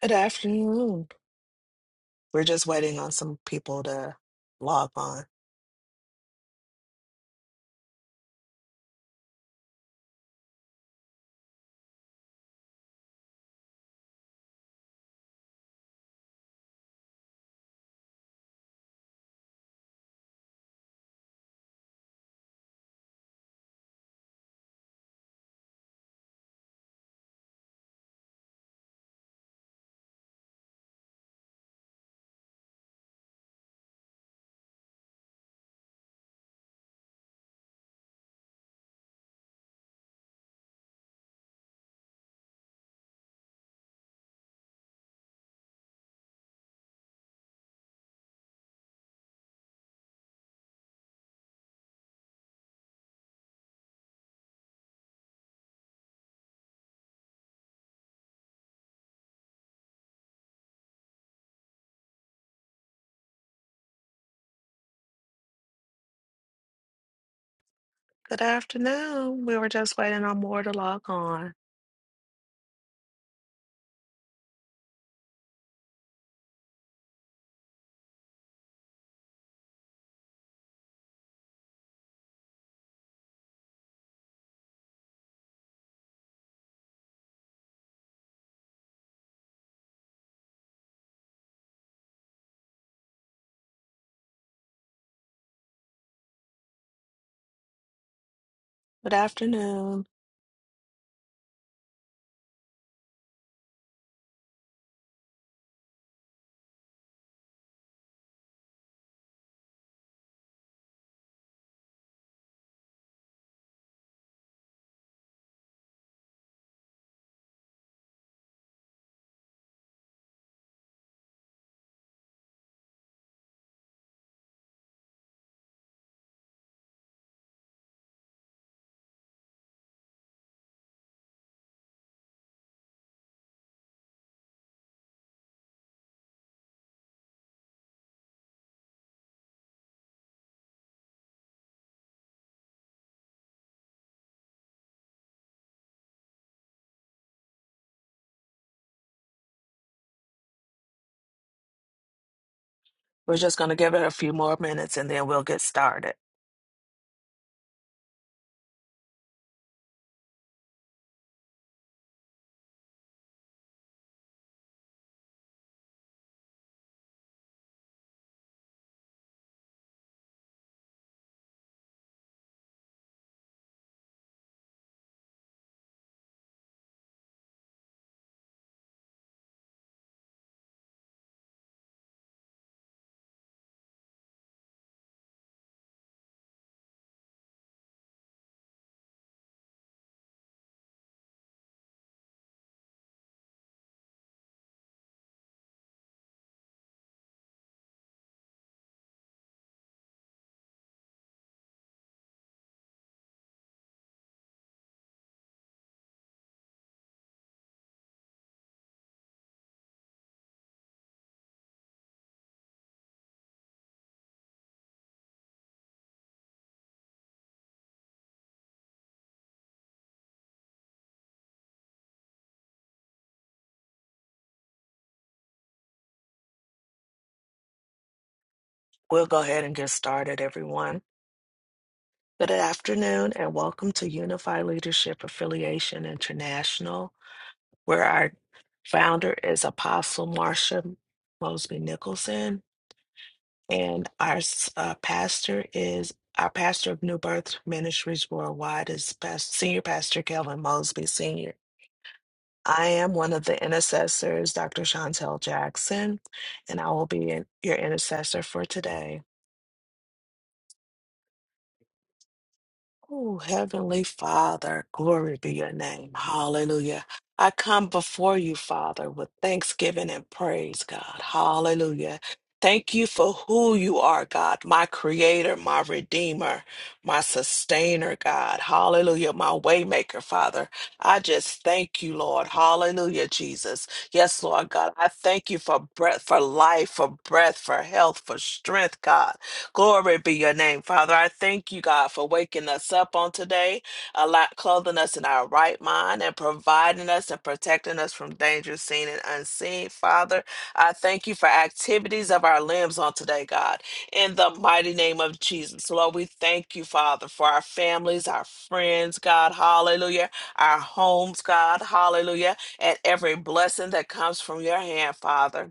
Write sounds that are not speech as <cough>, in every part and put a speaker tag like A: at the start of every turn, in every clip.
A: Good afternoon. We're just waiting on some people to log on. Good afternoon. We were just waiting on more to log on. Good afternoon. We're just going to give it a few more minutes and then we'll get started. We'll go ahead and get started, everyone. Good afternoon and welcome to Unified Leadership Affiliation International, where our founder is Apostle Marsha Mosby Nicholson. And our s- uh, pastor is our pastor of New Birth Ministries Worldwide is past, Senior Pastor Kelvin Mosby Senior. I am one of the intercessors, Dr. Chantel Jackson, and I will be in, your intercessor for today. Oh, Heavenly Father, glory be your name. Hallelujah. I come before you, Father, with thanksgiving and praise, God. Hallelujah. Thank you for who you are, God, my creator, my redeemer, my sustainer, God. Hallelujah, my waymaker, Father. I just thank you, Lord. Hallelujah, Jesus. Yes, Lord God. I thank you for breath, for life, for breath, for health, for strength, God. Glory be your name, Father. I thank you, God, for waking us up on today, a lot clothing us in our right mind and providing us and protecting us from danger seen and unseen, Father. I thank you for activities of our limbs on today, God. In the mighty name of Jesus, Lord, we thank you, Father, for our families, our friends, God, hallelujah, our homes, God, hallelujah, and every blessing that comes from your hand, Father.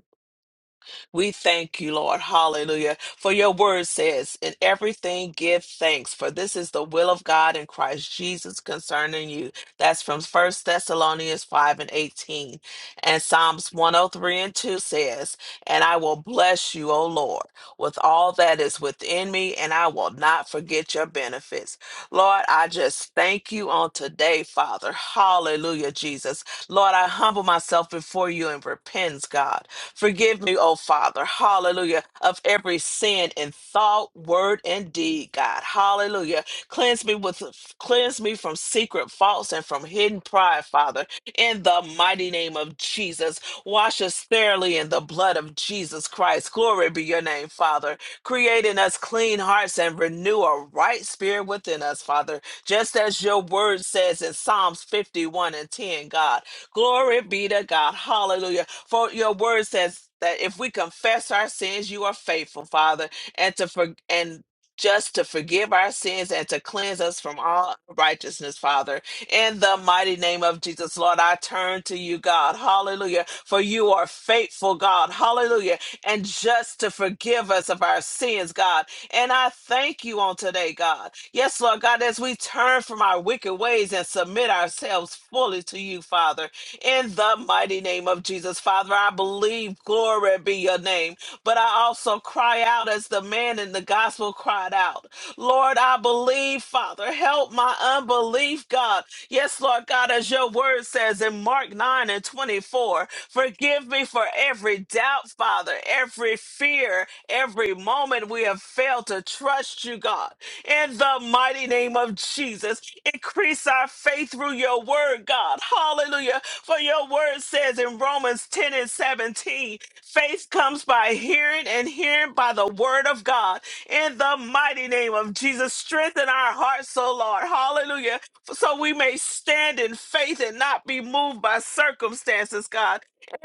A: We thank you, Lord. Hallelujah. For your word says, In everything give thanks, for this is the will of God in Christ Jesus concerning you. That's from First Thessalonians 5 and 18. And Psalms 103 and 2 says, And I will bless you, O Lord, with all that is within me, and I will not forget your benefits. Lord, I just thank you on today, Father. Hallelujah, Jesus. Lord, I humble myself before you and repent, God. Forgive me, oh Father, hallelujah, of every sin in thought, word, and deed, God, hallelujah. Cleanse me with cleanse me from secret faults and from hidden pride, Father, in the mighty name of Jesus. Wash us thoroughly in the blood of Jesus Christ. Glory be your name, Father. Create in us clean hearts and renew a right spirit within us, Father, just as your word says in Psalms 51 and 10, God. Glory be to God. Hallelujah for your word says that if we confess our sins, you are faithful, Father, and to for, and just to forgive our sins and to cleanse us from all righteousness, Father. In the mighty name of Jesus, Lord, I turn to you, God. Hallelujah. For you are faithful, God. Hallelujah. And just to forgive us of our sins, God. And I thank you on today, God. Yes, Lord God, as we turn from our wicked ways and submit ourselves fully to you, Father in the mighty name of Jesus. Father, I believe, glory be your name, but I also cry out as the man in the gospel cried out. Lord, I believe, Father, help my unbelief, God. Yes, Lord God, as your word says in Mark 9 and 24, forgive me for every doubt, Father, every fear, every moment we have failed to trust you, God in the mighty name of Jesus. Increase our faith through your word, God. Hallelujah. For your word says in Romans 10 and 17, faith comes by hearing and hearing by the word of God. In the mighty name of Jesus, strengthen our hearts, O Lord. Hallelujah. So we may stand in faith and not be moved by circumstances, God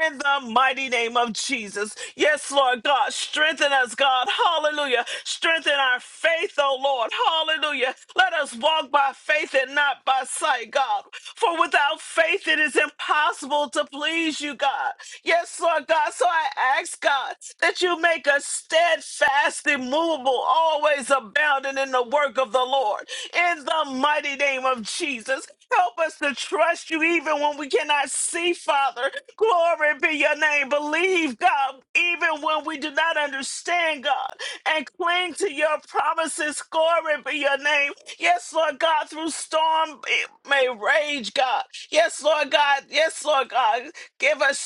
A: in the mighty name of Jesus. Yes, Lord God, strengthen us, God. Hallelujah. Strengthen our faith, oh Lord. Hallelujah. Let us walk by faith and not by sight, God. For without faith, it is impossible to please you, God. Yes, Lord God. So I ask, God, that you make us steadfast, immovable, always abounding in the work of the Lord. In the mighty name of Jesus. Help us to trust you even when we cannot see, Father. Glory be your name. Believe, God, even when we do not understand, God and cling to your promises. Glory be your name. Yes, Lord God, through storm it may rage, God. Yes, Lord God. Yes, Lord God. Give us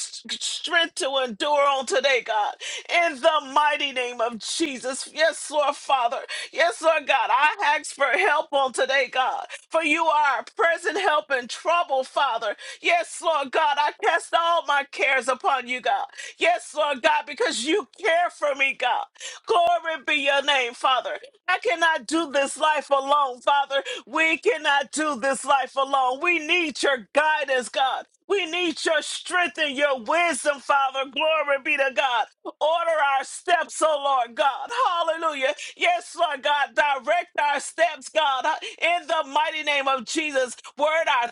A: strength to endure on today, God. In the mighty name of Jesus. Yes, Lord Father. Yes, Lord God. I ask for help on today, God. For you are a present help in trouble, Father. Yes, Lord God. I cast all my cares upon you, God. Yes, Lord God, because you care for me, God. Glory be your name, Father. I cannot do this life alone, Father. We cannot do this life alone. We need your guidance, God. We need your strength and your wisdom, Father. Glory be to God. Order our steps, oh Lord God. Hallelujah. Yes, Lord God. Direct our steps, God, in the mighty name of Jesus. Word our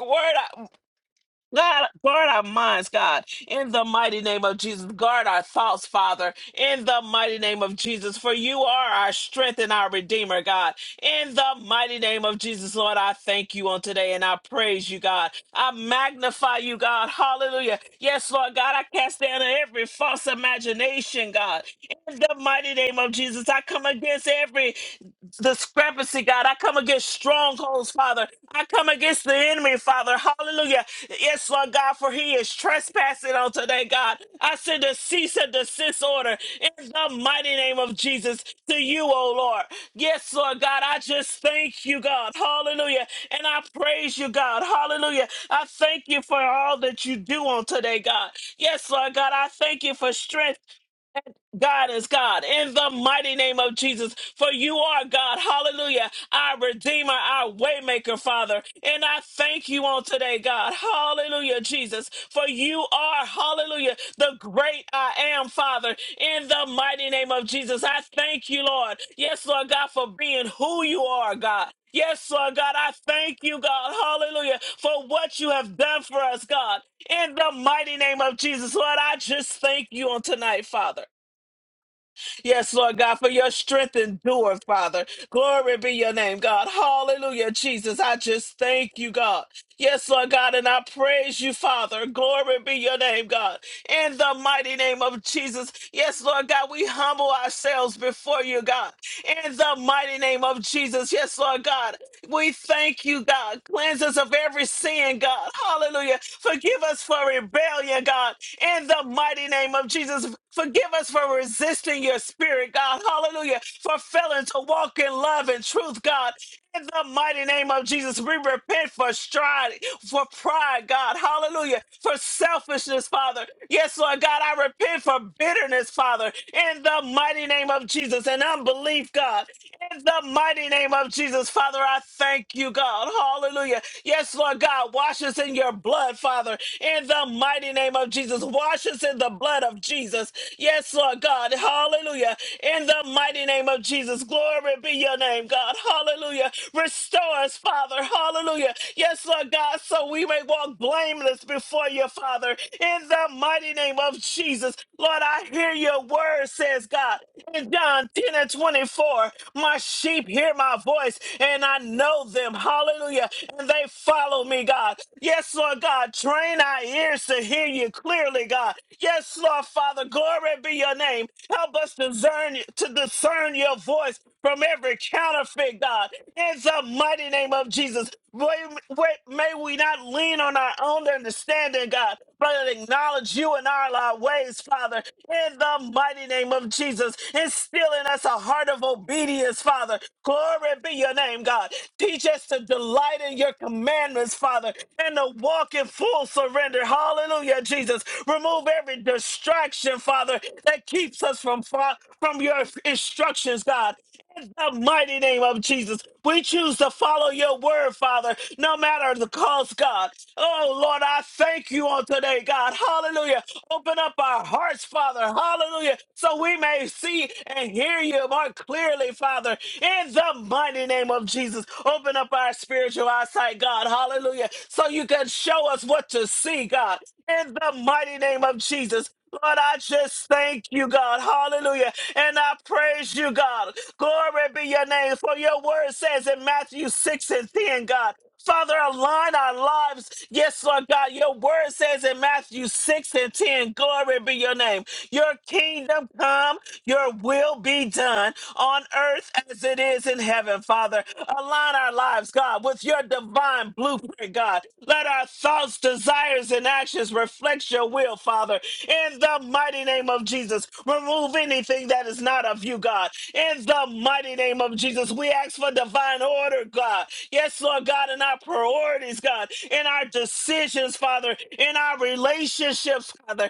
A: Word, God, guard our minds, God, in the mighty name of Jesus. Guard our thoughts, Father, in the mighty name of Jesus. For you are our strength and our Redeemer, God. In the mighty name of Jesus, Lord, I thank you on today and I praise you, God. I magnify you, God. Hallelujah. Yes, Lord God, I cast down every false imagination, God. In the mighty name of Jesus, I come against every discrepancy, God. I come against strongholds, Father. I come against the enemy, Father. Hallelujah. Yes, Lord God, for he is trespassing on today, God. I send a cease and desist order in the mighty name of Jesus to you, oh Lord. Yes, Lord God, I just thank you, God. Hallelujah. And I praise you, God. Hallelujah. I thank you for all that you do on today, God. Yes, Lord God, I thank you for strength. God is God in the mighty name of Jesus. For you are God. Hallelujah. Our Redeemer, our Waymaker, Father. And I thank you on today, God. Hallelujah, Jesus. For you are, hallelujah, the great I am, Father. In the mighty name of Jesus. I thank you, Lord. Yes, Lord God, for being who you are, God. Yes, Lord God, I thank you, God, hallelujah, for what you have done for us, God. In the mighty name of Jesus, Lord, I just thank you on tonight, Father. Yes, Lord God, for your strength endure, Father. Glory be your name, God. Hallelujah, Jesus. I just thank you, God. Yes, Lord God, and I praise you, Father. Glory be your name, God. In the mighty name of Jesus. Yes, Lord God, we humble ourselves before you, God. In the mighty name of Jesus. Yes, Lord God, we thank you, God. Cleanse us of every sin, God. Hallelujah. Forgive us for rebellion, God in the mighty name of Jesus. Forgive us for resisting your spirit, God. Hallelujah. For failing to walk in love and truth, God. In the mighty name of Jesus, we repent for stride, for pride, God. Hallelujah. For selfishness, Father. Yes, Lord God, I repent for bitterness, Father. In the mighty name of Jesus and unbelief, God. In the mighty name of Jesus, Father, I thank you, God. Hallelujah. Yes, Lord God, wash us in your blood, Father. In the mighty name of Jesus, wash us in the blood of Jesus. Yes, Lord God. Hallelujah. In the mighty name of Jesus, glory be your name, God. Hallelujah. Restore us, Father. Hallelujah. Yes, Lord God, so we may walk blameless before you, Father. In the mighty name of Jesus, Lord, I hear your word, says God. In John 10 and 24, 4 My sheep hear my voice, and I know them. Hallelujah. And they follow me, God. Yes, Lord God. Train our ears to hear you clearly, God. Yes, Lord Father. Glory be your name. Help us discern to discern your voice from every counterfeit, God. In the mighty name of Jesus, may, may we not lean on our own understanding, God, but acknowledge you in all our ways, Father. In the mighty name of Jesus, instill in us a heart of obedience, Father. Glory be your name, God. Teach us to delight in your commandments, Father, and to walk in full surrender. Hallelujah, Jesus. Remove every distraction, Father, that keeps us from, fa- from your instructions, God. In the mighty name of Jesus, we choose to follow your word, Father, no matter the cost, God. Oh, Lord, I thank you on today, God. Hallelujah. Open up our hearts, Father. Hallelujah. So we may see and hear you more clearly, Father. In the mighty name of Jesus, open up our spiritual eyesight, God. Hallelujah. So you can show us what to see, God. In the mighty name of Jesus. Lord, I just thank you, God. Hallelujah. And I praise you, God. Glory be your name. For your word says in Matthew 6 and 10, God. Father, align our lives. Yes, Lord God. Your word says in Matthew 6 and 10, glory be your name. Your kingdom come, your will be done on earth as it is in heaven, Father. Align our lives, God, with your divine blueprint, God. Let our thoughts, desires, and actions reflect your will, Father. In the mighty name of Jesus, remove anything that is not of you, God. In the mighty name of Jesus, we ask for divine order, God. Yes, Lord God, in our priorities, God, in our decisions, Father, in our relationships, Father,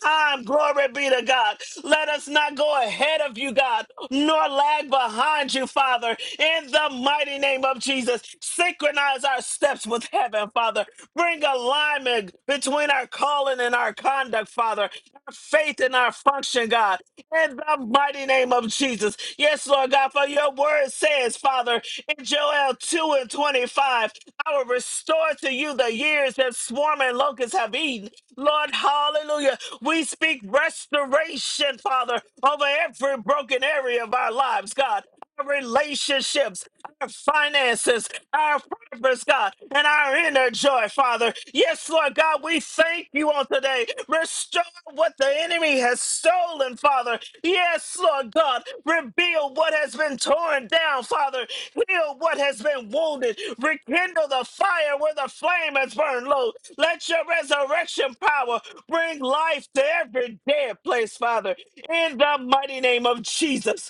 A: time. Glory be to God. Let us not go ahead of you, God, nor lag behind you, Father. In the mighty name of Jesus, synchronize our steps with heaven, Father. Bring alignment between our calling and our conduct, Father. Our faith and our function, God. In the mighty name of Jesus. Yes, Lord God, for your word says, Father, in Joel 2 and 25, I will restore to you the years that swarm and locusts have eaten Lord, hallelujah. We speak restoration, Father, over every broken area of our lives, God. Our relationships, our finances, our purpose, God, and our inner joy, Father. Yes, Lord God, we thank you on today. Restore what the enemy has stolen, Father. Yes, Lord God, reveal what has been torn down, Father. Heal what has been wounded. Rekindle the fire where the flame has burned low. Let your resurrection power bring life to every dead place, Father. In the mighty name of Jesus.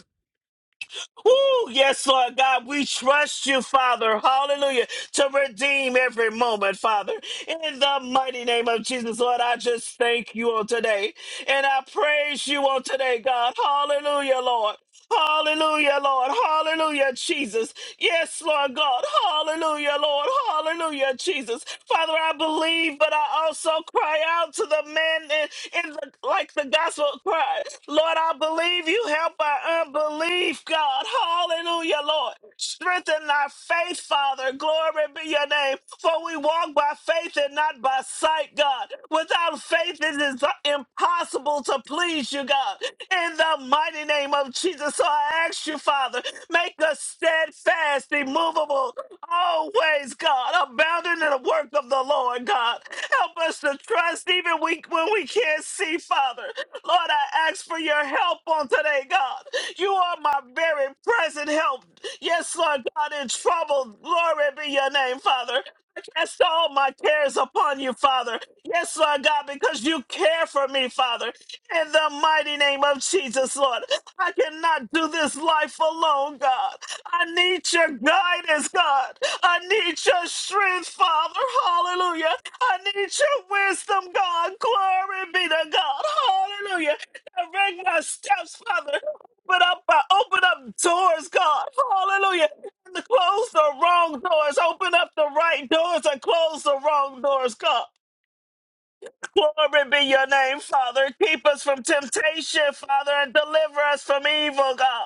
A: Ooh, yes, Lord God, we trust you, Father, hallelujah, to redeem every moment, Father. In the mighty name of Jesus, Lord, I just thank you on today. And I praise you on today, God. Hallelujah, Lord. Hallelujah, Lord. Hallelujah, Jesus. Yes, Lord God. Hallelujah, Lord. Hallelujah, Jesus. Father, I believe, but I also cry out to the man in, in the like the gospel cry. Lord, I believe you help our unbelief, God. Hallelujah, you, Lord. Strengthen our faith, Father. Glory be your name. For we walk by faith and not by sight, God. Without faith, it is impossible to please you, God. In the mighty name of Jesus, so I ask you, Father, make us steadfast, immovable, always, God, abounding in the work of the Lord, God. Help us to trust even we, when we can't see, Father. Lord, I ask for your help on today, God. You are my very present help. Yes, Lord God, in trouble. Glory be your name, Father. I cast all my cares upon you, Father. Yes, Lord God, because you care for me, Father. In the mighty name of Jesus, Lord. I cannot do this life alone, God. I need your guidance, God. I need your strength, Father. Hallelujah. I need your wisdom, God. Glory be to God. Hallelujah. Direct my steps, Father. Open up, uh, open up doors, God. Hallelujah. And close the wrong doors. Open up the right doors and close the wrong doors, God. Glory be your name, Father. Keep us from temptation, Father, and deliver us from evil, God.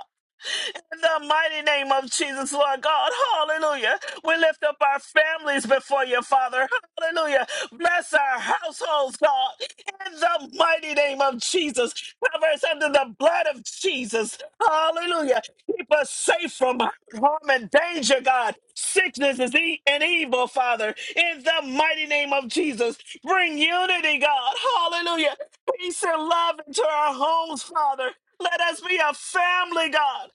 A: In the mighty name of Jesus, Lord God, hallelujah. We lift up our families before you, Father, hallelujah. Bless our households, God, in the mighty name of Jesus. Cover us under the blood of Jesus, hallelujah. Keep us safe from harm and danger, God. Sickness is e- and evil, Father, in the mighty name of Jesus. Bring unity, God, hallelujah. Peace and love into our homes, Father. Let us be a family, God.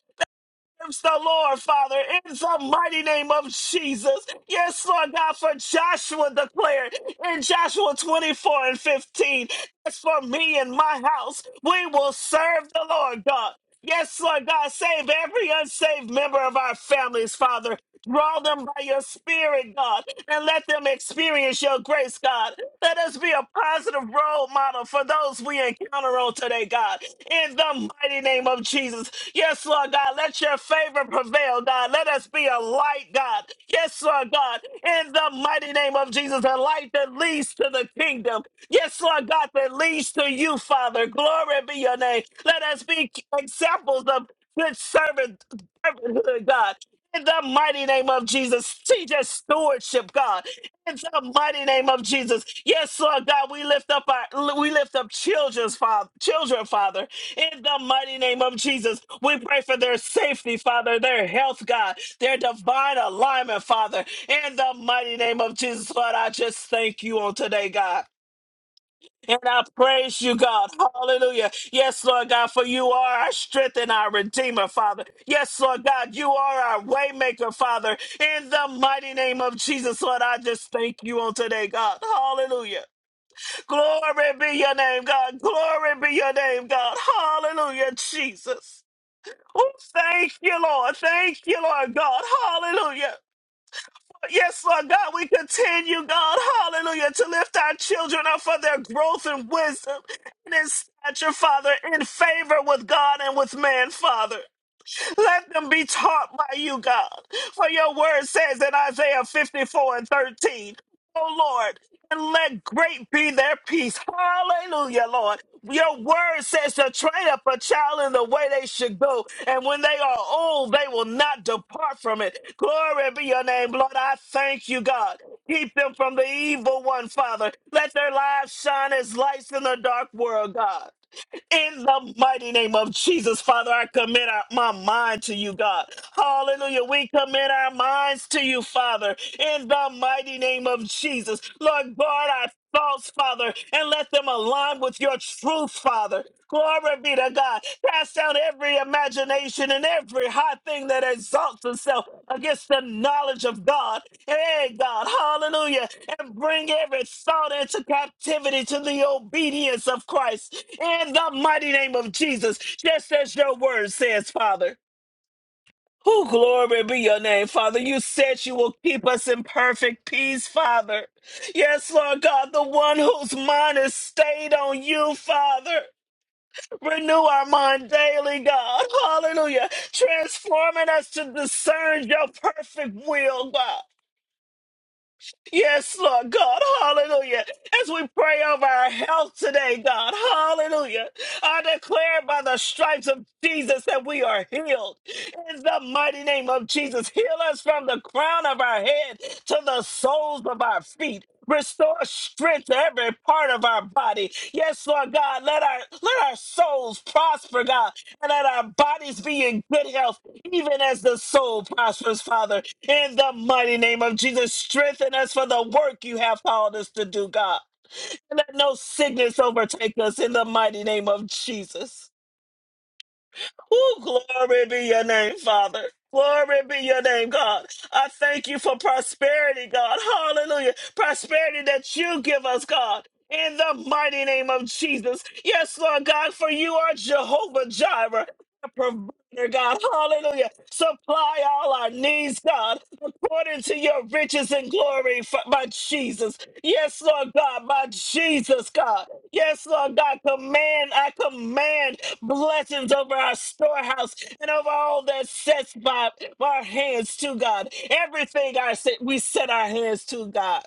A: Praise the Lord, Father, in the mighty name of Jesus. Yes, Lord God, for Joshua declared in Joshua 24 and 15, as for me and my house, we will serve the Lord God. Yes, Lord God, save every unsaved member of our families, Father. Draw them by your spirit, God, and let them experience your grace, God. Let us be a positive role model for those we encounter on today, God. In the mighty name of Jesus. Yes, Lord God. Let your favor prevail, God. Let us be a light, God. Yes, Lord God. In the mighty name of Jesus, a light that leads to the kingdom. Yes, Lord God, that leads to you, Father. Glory be your name. Let us be examples of good servant, servanthood, God. In the mighty name of Jesus, teach us stewardship, God. In the mighty name of Jesus. Yes, Lord God, we lift up our we lift up children's father, children, Father. In the mighty name of Jesus. We pray for their safety, Father, their health, God, their divine alignment, Father. In the mighty name of Jesus, Lord, I just thank you on today, God. And I praise you, God. Hallelujah. Yes, Lord God, for you are our strength and our redeemer, Father. Yes, Lord God, you are our waymaker, Father. In the mighty name of Jesus, Lord, I just thank you on today, God. Hallelujah. Glory be your name, God. Glory be your name, God. Hallelujah, Jesus. Oh, thank you, Lord. Thank you, Lord God. Hallelujah. Yes, Lord God, we continue, God, hallelujah, to lift our children up for their growth and wisdom and in stature, Father, in favor with God and with man, Father. Let them be taught by you, God. For your word says in Isaiah 54 and 13, O Lord, and let great be their peace. Hallelujah, Lord. Your word says to train up a child in the way they should go, and when they are old, they will not depart from it. Glory be your name, Lord. I thank you, God. Keep them from the evil one, Father. Let their lives shine as lights in the dark world, God. In the mighty name of Jesus, Father, I commit our, my mind to you, God. Hallelujah. We commit our minds to you, Father, in the mighty name of Jesus. Lord, guard our thoughts, Father, and let them align with your truth, Father. Glory be to God. Cast down every imagination and every high thing that exalts itself against the knowledge of God. Hey, God, hallelujah. And bring every thought into captivity to the obedience of Christ in the mighty name of Jesus, just as your word says, Father. Who glory be your name, Father. You said you will keep us in perfect peace, Father. Yes, Lord God, the one whose mind is stayed on you, Father. Renew our mind daily, God. Hallelujah. Transforming us to discern your perfect will, God. Yes, Lord God, hallelujah. As we pray over our health today, God, hallelujah. I declare by the stripes of Jesus that we are healed. In the mighty name of Jesus, heal us from the crown of our head to the soles of our feet. Restore strength to every part of our body. Yes, Lord God, let our let our souls prosper, God, and let our bodies be in good health even as the soul prospers, Father. In the mighty name of Jesus, strengthen us for the work you have called us to do, God. Let no sickness overtake us in the mighty name of Jesus. Ooh, glory be your name, Father. Glory be your name, God. I thank you for prosperity, God. Hallelujah. Prosperity that you give us, God. In the mighty name of Jesus. Yes, Lord God, for you are Jehovah Jireh, the provider, God. Hallelujah. Supply all our needs, God, according to your riches and glory, f- by Jesus. Yes, Lord God, my Jesus, God. Yes, Lord God, command, I command blessings over our storehouse and over all that sets by our hands to God. Everything I set, we set our hands to God.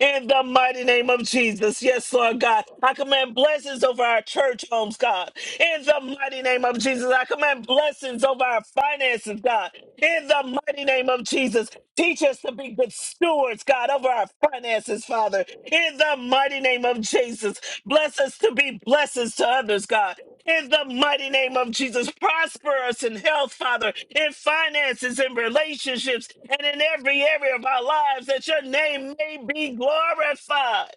A: In the mighty name of Jesus. Yes, Lord God. I command blessings over our church homes, God. In the mighty name of Jesus. I command blessings over our finances, God. In the mighty name of Jesus. Teach us to be good stewards, God, over our finances, Father. In the mighty name of Jesus. Bless us to be blessings to others, God. In the mighty name of Jesus, prosper us in health, Father, in finances, in relationships, and in every area of our lives, that your name may be glorified.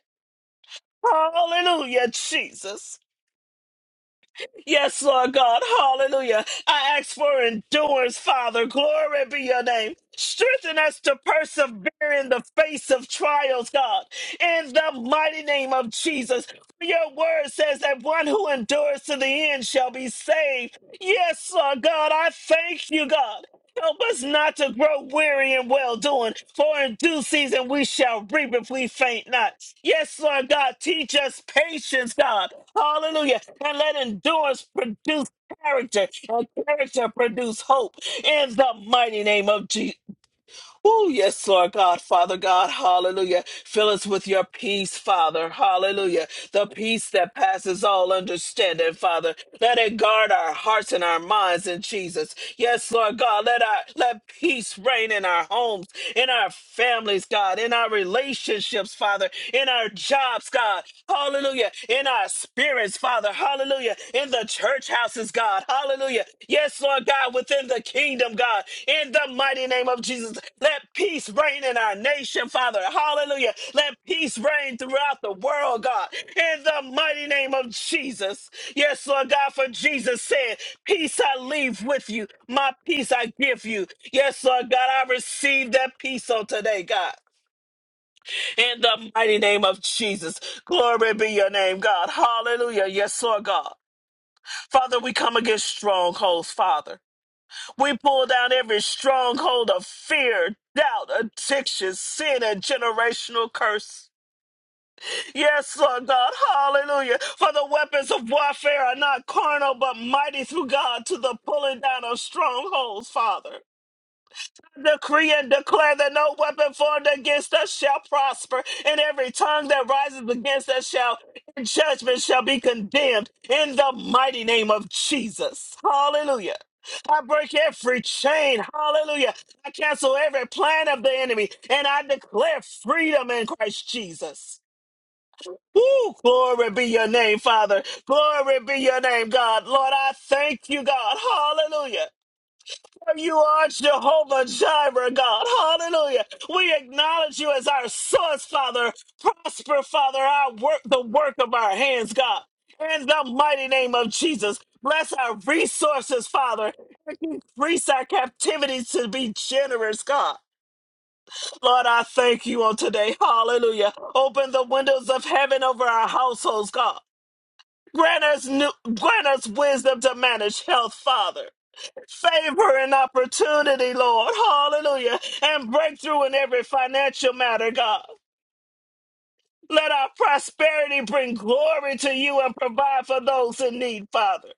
A: Hallelujah, Jesus. Yes, Lord God. Hallelujah. I ask for endurance, Father. Glory be your name. Strengthen us to persevere in the face of trials, God. In the mighty name of Jesus. Your word says that one who endures to the end shall be saved. Yes, Lord God. I thank you, God. Help us not to grow weary in well doing, for in due season we shall reap if we faint not. Yes, Lord God, teach us patience, God. Hallelujah. And let endurance produce character, and character produce hope in the mighty name of Jesus. Oh, yes, Lord God, Father God, hallelujah. Fill us with your peace, Father, hallelujah. The peace that passes all understanding, Father. Let it guard our hearts and our minds in Jesus. Yes, Lord God, let our let peace reign in our homes, in our families, God, in our relationships, Father, in our jobs, God, hallelujah, in our spirits, Father, hallelujah, in the church houses, God. Hallelujah. Yes, Lord God, within the kingdom, God. In the mighty name of Jesus, let peace reign in our nation, Father. Hallelujah. Let peace reign throughout the world, God. In the mighty name of Jesus. Yes, Lord God, for Jesus said, Peace I leave with you, my peace I give you. Yes, Lord God, I receive that peace on today, God. In the mighty name of Jesus. Glory be your name, God. Hallelujah. Yes, Lord God. Father, we come against strongholds, Father. We pull down every stronghold of fear, doubt, addiction, sin, and generational curse. Yes, Lord God, hallelujah. For the weapons of warfare are not carnal, but mighty through God to the pulling down of strongholds, Father decree and declare that no weapon formed against us shall prosper, and every tongue that rises against us shall in judgment shall be condemned in the mighty name of Jesus. Hallelujah. I break every chain. Hallelujah. I cancel every plan of the enemy and I declare freedom in Christ Jesus. Woo! Glory be your name, Father. Glory be your name, God. Lord, I thank you, God. Hallelujah. You are Jehovah Jireh, God. Hallelujah. We acknowledge you as our source, Father. Prosper, Father, our work, the work of our hands, God. In the mighty name of Jesus, bless our resources, Father. Increase our captivity to be generous, God. Lord, I thank you on today. Hallelujah. Open the windows of heaven over our households, God. Grant us, new, grant us wisdom to manage health, Father favor and opportunity, Lord. Hallelujah. And breakthrough in every financial matter, God. Let our prosperity bring glory to you and provide for those in need, Father.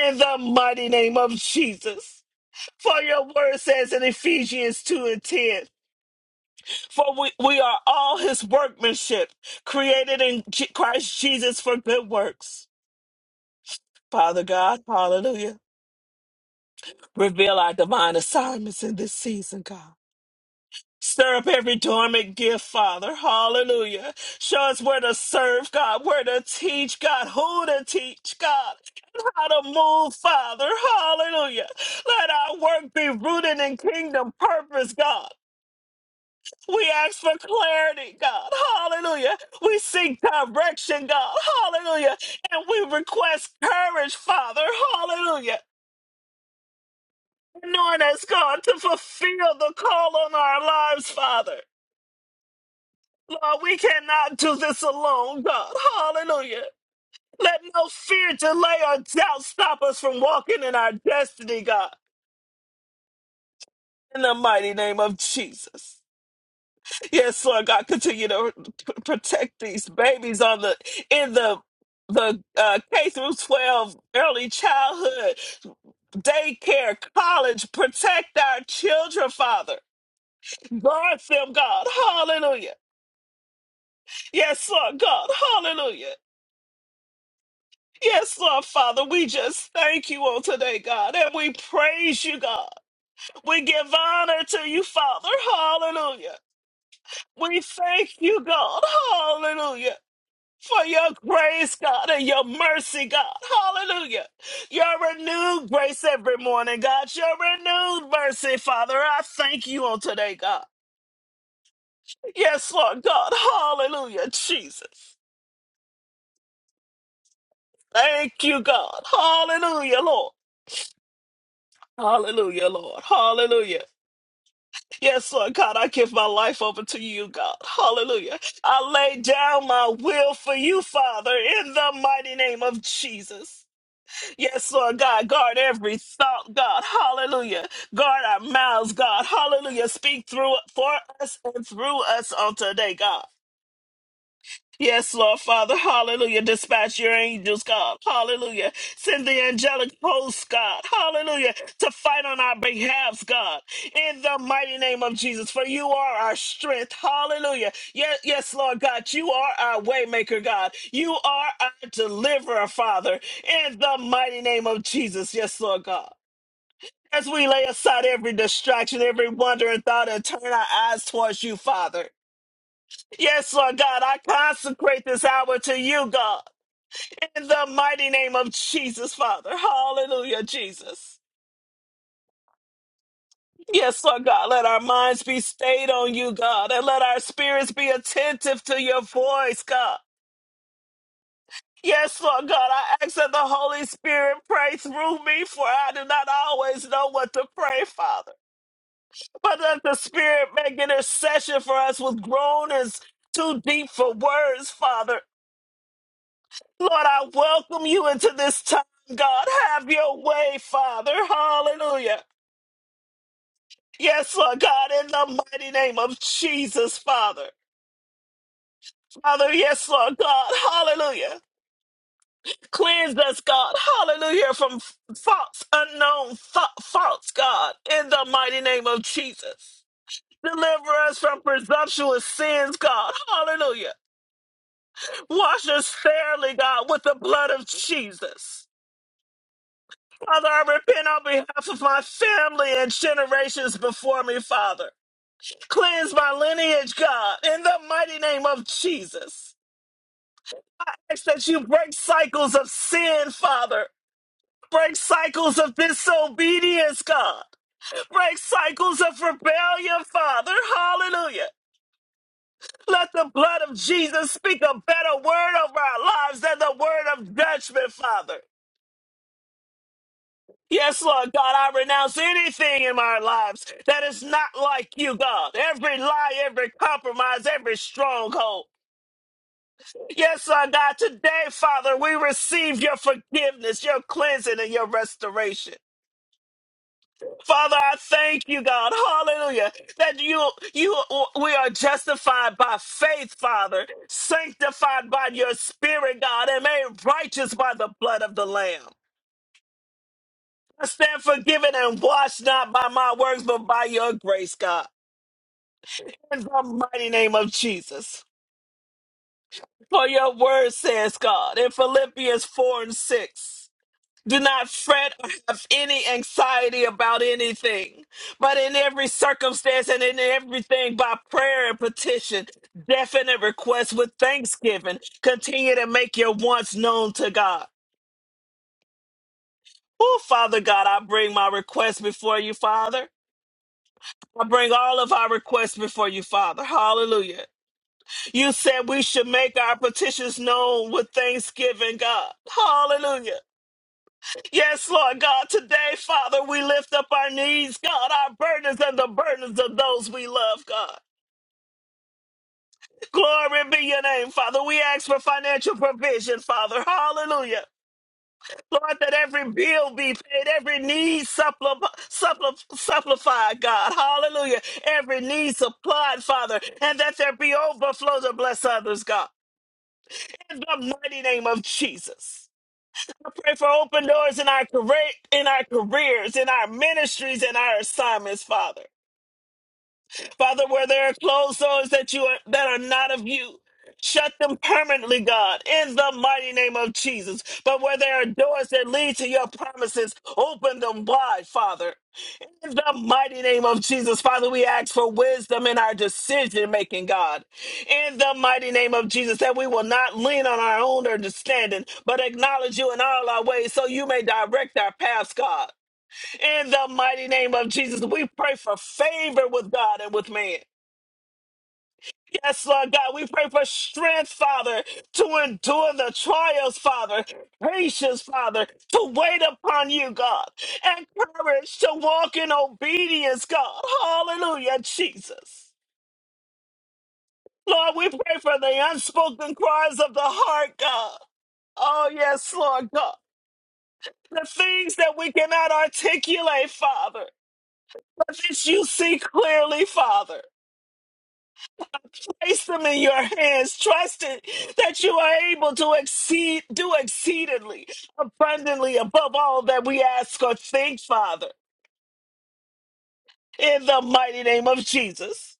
A: In the mighty name of Jesus. For your word says in Ephesians 2 and 10, for we, we are all his workmanship, created in J- Christ Jesus for good works. Father God, hallelujah. Reveal our divine assignments in this season, God. Stir up every dormant gift, Father. Hallelujah. Show us where to serve, God, where to teach, God, who to teach, God, and how to move, Father. Hallelujah. Let our work be rooted in kingdom purpose, God. We ask for clarity, God. Hallelujah. We seek direction, God. Hallelujah. And we request courage, Father. Hallelujah. Anoint us, God, to fulfill the call on our lives, Father. Lord, we cannot do this alone, God. Hallelujah. Let no fear, delay, or doubt stop us from walking in our destiny, God. In the mighty name of Jesus. Yes, Lord God, continue to p- protect these babies on the in the the uh, K through 12 early childhood daycare, college, protect our children, Father. Guard them, God. Hallelujah. Yes, Lord God. Hallelujah. Yes, Lord Father, we just thank you on today, God, and we praise you, God. We give honor to you, Father. Hallelujah. We thank you, God. Hallelujah. For your grace, God, and your mercy, God. Hallelujah. Your renewed grace every morning, God. Your renewed mercy, Father. I thank you on today, God. Yes, Lord God. Hallelujah, Jesus. Thank you, God. Hallelujah, Lord. Hallelujah, Lord. Hallelujah. Yes, Lord God, I give my life over to you, God. Hallelujah. I lay down my will for you, Father, in the mighty name of Jesus. Yes, Lord God, guard every thought, God. Hallelujah. Guard our mouths, God. Hallelujah. Speak through for us and through us on today, God. Yes, Lord Father, hallelujah. Dispatch your angels, God, hallelujah. Send the angelic hosts, God, hallelujah, to fight on our behalf, God, in the mighty name of Jesus. For you are our strength, hallelujah. Yes, yes, Lord God, you are our waymaker, God. You are our deliverer, Father, in the mighty name of Jesus. Yes, Lord God. As we lay aside every distraction, every wandering thought, and turn our eyes towards you, Father. Yes, Lord God, I consecrate this hour to you, God, in the mighty name of Jesus, Father. Hallelujah, Jesus. Yes, Lord God, let our minds be stayed on you, God, and let our spirits be attentive to your voice, God. Yes, Lord God, I ask that the Holy Spirit pray through me, for I do not always know what to pray, Father. But let the Spirit make intercession for us with groanings too deep for words, Father. Lord, I welcome you into this time, God. Have your way, Father. Hallelujah. Yes, Lord God, in the mighty name of Jesus, Father. Father, yes, Lord God. Hallelujah. Cleanse us, God. Hallelujah. From false, unknown fa- faults, God, in the mighty name of Jesus. Deliver us from presumptuous sins, God. Hallelujah. Wash us fairly, God, with the blood of Jesus. Father, I repent on behalf of my family and generations before me, Father. Cleanse my lineage, God, in the mighty name of Jesus. I ask that you break cycles of sin, Father. Break cycles of disobedience, God. Break cycles of rebellion, Father. Hallelujah. Let the blood of Jesus speak a better word over our lives than the word of judgment, Father. Yes, Lord God, I renounce anything in our lives that is not like you, God. Every lie, every compromise, every stronghold. Yes, Lord God, today, Father, we receive your forgiveness, your cleansing, and your restoration. Father, I thank you, God, hallelujah, that you, you, we are justified by faith, Father, sanctified by your spirit, God, and made righteous by the blood of the Lamb. I stand forgiven and washed not by my works, but by your grace, God. In the mighty name of Jesus. For your word says, God, in Philippians 4 and 6, do not fret or have any anxiety about anything, but in every circumstance and in everything by prayer and petition, definite requests with thanksgiving, continue to make your wants known to God. Oh, Father God, I bring my request before you, Father. I bring all of our requests before you, Father. Hallelujah. You said we should make our petitions known with thanksgiving, God. Hallelujah. Yes, Lord God, today, Father, we lift up our needs, God, our burdens and the burdens of those we love, God. Glory be your name, Father. We ask for financial provision, Father. Hallelujah. Lord, that every bill be paid, every need suppli- suppli- supplied, God. Hallelujah. Every need supplied, Father, and that there be overflow to bless others, God. In the mighty name of Jesus. I pray for open doors in our career, in our careers, in our ministries, and our assignments, Father. Father, where there are closed doors that you are, that are not of you, shut them permanently, God, in the mighty name of Jesus. But where there are doors that lead to your promises, open them wide, Father. In the mighty name of Jesus, Father, we ask for wisdom in our decision making, God. In the mighty name of Jesus, that we will not lean on our own understanding, but acknowledge you in all our ways so you may direct our paths, God. In the mighty name of Jesus, we pray for favor with God and with man. Yes, Lord God, we pray for strength, Father, to endure the trials, Father, patience, Father, to wait upon you, God, and courage to walk in obedience, God. Hallelujah, Jesus. Lord, we pray for the unspoken cries of the heart, God. Oh, yes, Lord God. The things that we cannot articulate, Father, but that you see clearly, Father. place them in your hands, trusting that you are able to exceed, do exceedingly, abundantly above all that we ask or think, Father, in the mighty name of Jesus.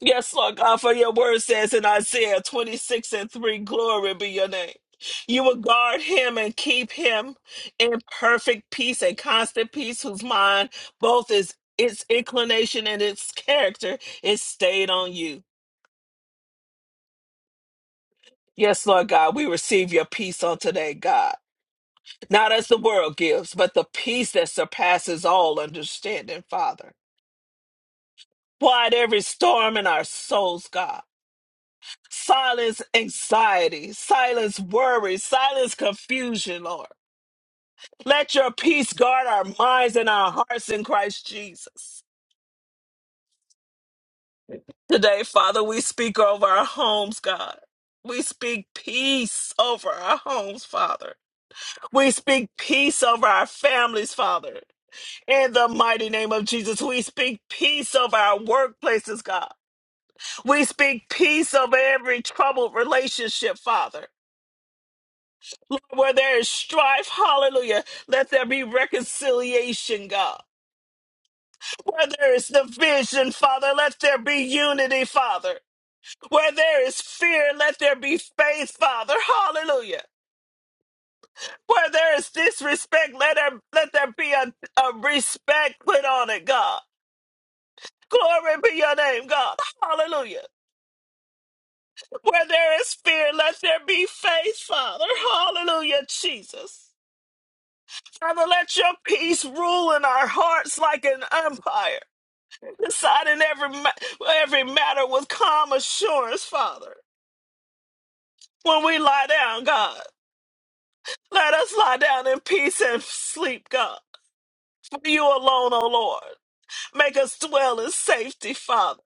A: Yes, Lord God, for your word says in Isaiah 26 and 3, glory be your name. You will guard him and keep him in perfect peace and constant peace, whose mind both is its inclination and its character is stayed on you. Yes, Lord God, we receive your peace on today, God. Not as the world gives, but the peace that surpasses all understanding, Father. Quiet every storm in our souls, God. Silence anxiety, silence worry, silence confusion, Lord. Let your peace guard our minds and our hearts in Christ Jesus. Today, Father, we speak over our homes, God. We speak peace over our homes, Father. We speak peace over our families, Father. In the mighty name of Jesus, we speak peace over our workplaces, God. We speak peace over every troubled relationship, Father. Where there is strife, hallelujah, let there be reconciliation, God. Where there is division, Father, let there be unity, Father. Where there is fear, let there be faith, Father. Hallelujah. Where there is disrespect, let there, let there be a, a respect put on it, God. Glory be your name, God. Hallelujah. Where there is fear, let there be faith, Father. Hallelujah, Jesus. Father, let your peace rule in our hearts like an umpire, deciding every, ma- every matter with calm assurance, Father. When we lie down, God, let us lie down in peace and sleep, God. For you alone, O Lord. Make us dwell in safety, Father.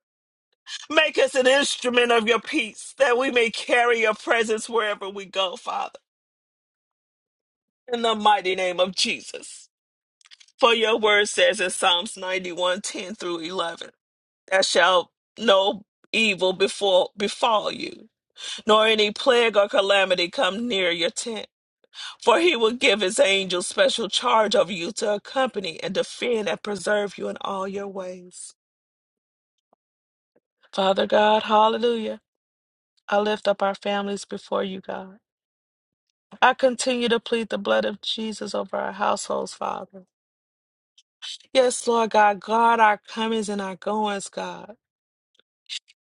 A: Make us an instrument of your peace, that we may carry your presence wherever we go, Father. In the mighty name of Jesus. For your word says in Psalms 91 10 through 11, that shall no evil befall, befall you, nor any plague or calamity come near your tent. For he will give his angels special charge over you to accompany and defend and preserve you in all your ways. Father God, hallelujah. I lift up our families before you, God. I continue to plead the blood of Jesus over our households, Father. Yes, Lord God, guard our comings and our goings, God.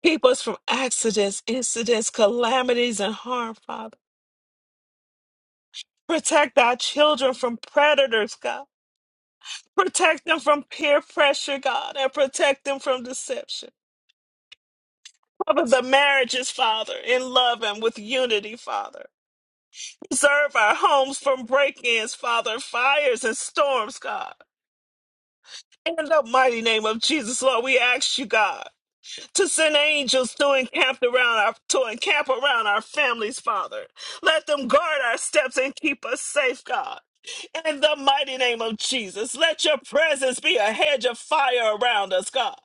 A: Keep us from accidents, incidents, calamities, and harm, Father. Protect our children from predators, God. Protect them from peer pressure, God, and protect them from deception. Cover the marriages, Father, in love and with unity, Father. Preserve our homes from break ins, Father, fires and storms, God. In the mighty name of Jesus, Lord, we ask you, God. to send angels to encamp around our to encamp around our families, Father. Let them guard our steps and keep us safe, God. In the mighty name of Jesus, let your presence be a hedge of fire around us, God.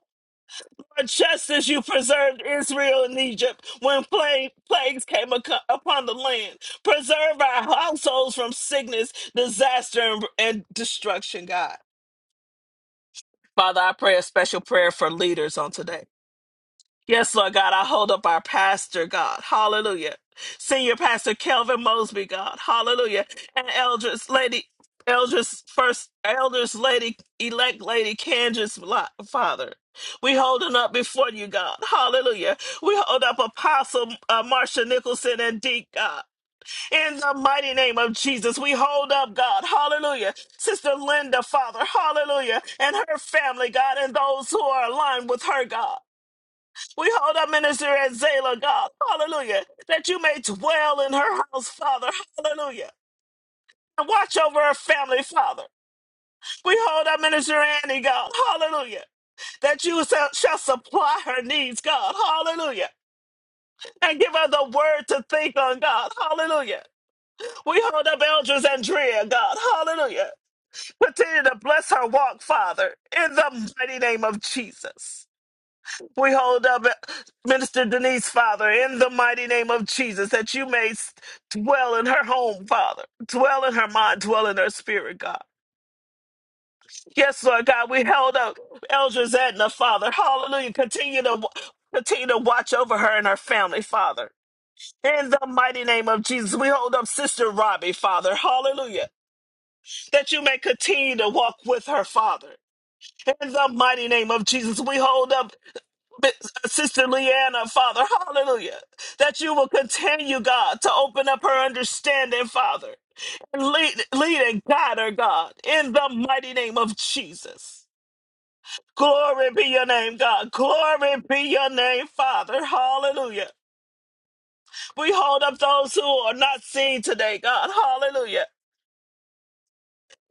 A: For Just as you preserved Israel in Egypt when pla- plagues came aco- upon the land, preserve our households from sickness, disaster, and, and destruction, God. Father, I pray a special prayer for leaders on today. Yes, Lord God, I hold up our pastor, God. Hallelujah. Senior Pastor Kelvin Mosby, God. Hallelujah. And Eldris Lady, Eldris First, Elders Lady, Elect Lady Candace, Lo- Father. We holding up before you, God. Hallelujah. We hold up Apostle uh, Marsha Nicholson and Deke, God. In the mighty name of Jesus, we hold up, God. Hallelujah. Sister Linda, Father. Hallelujah. And her family, God, and those who are aligned with her, God. We hold up minister at God. Hallelujah. That you may dwell in her house, Father. Hallelujah. And watch over her family, Father. We hold up minister Annie, God. Hallelujah. That you shall shall supply her needs, God. Hallelujah. And give her the word to think on, God. Hallelujah. We hold up Eldridge Andrea, God. Hallelujah. Continue to bless her walk, Father. In the mighty name of Jesus. We hold up Minister Denise, Father, in the mighty name of Jesus, that you may s- dwell in her home, Father, dwell in her mind, dwell in her spirit, God. Yes, Lord God, we held up Eldridge Edna, Father. Hallelujah. Continue to continue to watch over her and her family, Father. In the mighty name of Jesus, we hold up Sister Robbie, Father. Hallelujah. That you may continue to walk with her, Father. In the mighty name of Jesus, we hold up Sister Leanna, Father, hallelujah, that you will continue, God, to open up her understanding, Father, and lead, lead and guide her, God, in the mighty name of Jesus. Glory be your name, God. Glory be your name, Father. Hallelujah. We hold up those who are not seen today, God. Hallelujah.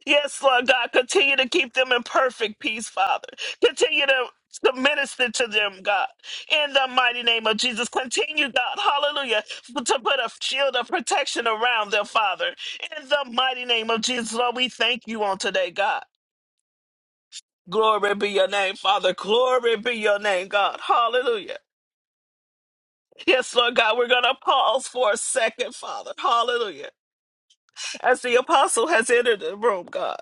A: Yes, Lord God, continue to keep them in perfect peace, Father. Continue to, to minister to them, God, in the mighty name of Jesus. Continue, God, hallelujah, to put a shield of protection around them, Father, in the mighty name of Jesus. Lord, we thank you on today, God. Glory be your name, Father. Glory be your name, God. Hallelujah. Yes, Lord God, we're going to pause for a second, Father. Hallelujah. As the apostle has entered the room, God.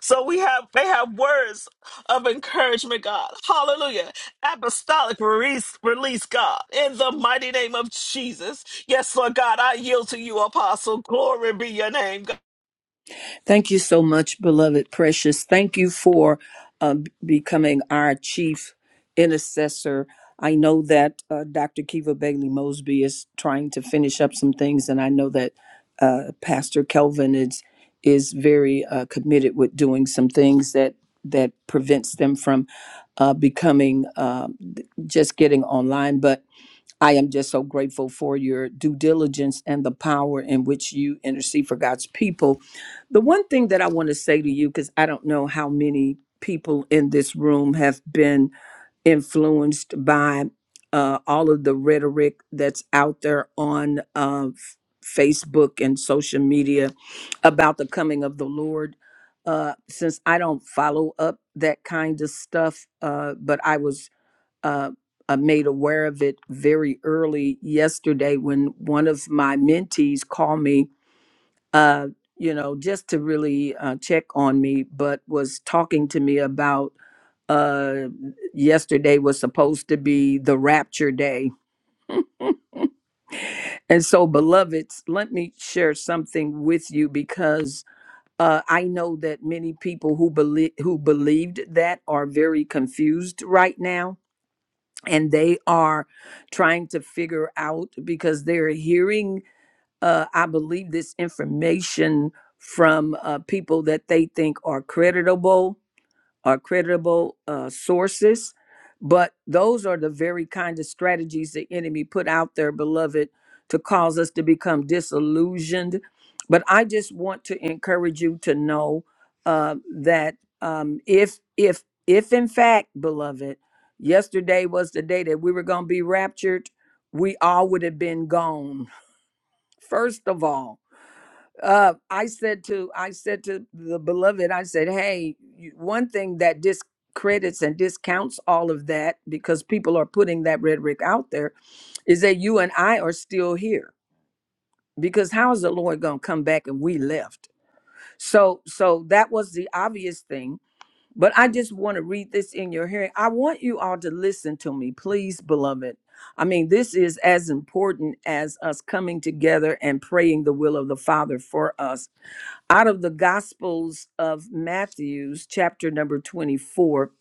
A: So we have they have words of encouragement, God. Hallelujah. Apostolic release, release, God, in the mighty name of Jesus. Yes, Lord God, I yield to you, Apostle. Glory be your name, God.
B: Thank you so much, beloved precious. Thank you for uh, becoming our chief intercessor. I know that uh, Dr. Kiva Bailey Mosby is trying to finish up some things, and I know that uh, Pastor Kelvin is is very uh, committed with doing some things that that prevents them from uh, becoming uh, just getting online. But I am just so grateful for your due diligence and the power in which you intercede for God's people. The one thing that I want to say to you, because I don't know how many people in this room have been influenced by uh, all of the rhetoric that's out there on uh, F- Facebook and social media about the coming of the Lord. Uh, since I don't follow up that kind of stuff, uh, but I was uh, uh, made aware of it very early yesterday when one of my mentees called me, uh, you know, just to really uh, check on me, but was talking to me about uh yesterday was supposed to be the rapture day and so beloveds let me share something with you because uh i know that many people who believe who believed that are very confused right now and they are trying to figure out because they're hearing uh, i believe this information from uh, people that they think are creditable or credible uh, sources. But those are the very kind of strategies the enemy put out there, beloved, to cause us to become disillusioned. But I just want to encourage you to know uh, that um, if if if in fact, beloved, yesterday was the day that we were going to be raptured, we all would have been gone. <laughs> First of all, uh i said to i said to the beloved i said hey you- one thing that discredits and discounts all of that because people are putting that rhetoric out there is that you and i are still here because how is the lord going to come back and we left so so that was the obvious thing but i just want to read this in your hearing i want you all to listen to me please beloved i mean this is as important as us coming together and praying the will of the father for us out of the Gospels of Matthew's chapter number 24,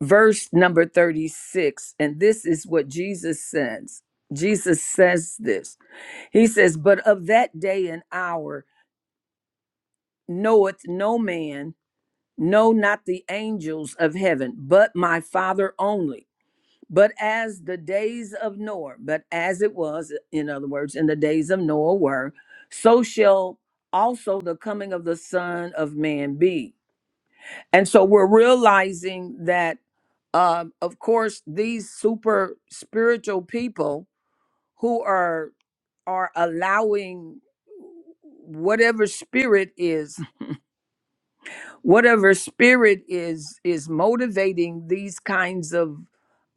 B: verse number 36. And this is what Jesus says. Jesus says this. He says, But of that day and hour knoweth no man, no, not the angels of heaven, but my Father only. But as the days of Noah, but as it was, in other words, in the days of Noah were, so shall also the coming of the Son of Man be. And so we're realizing that, um, of course, these super spiritual people who are are allowing whatever spirit is, whatever spirit is is motivating these kinds of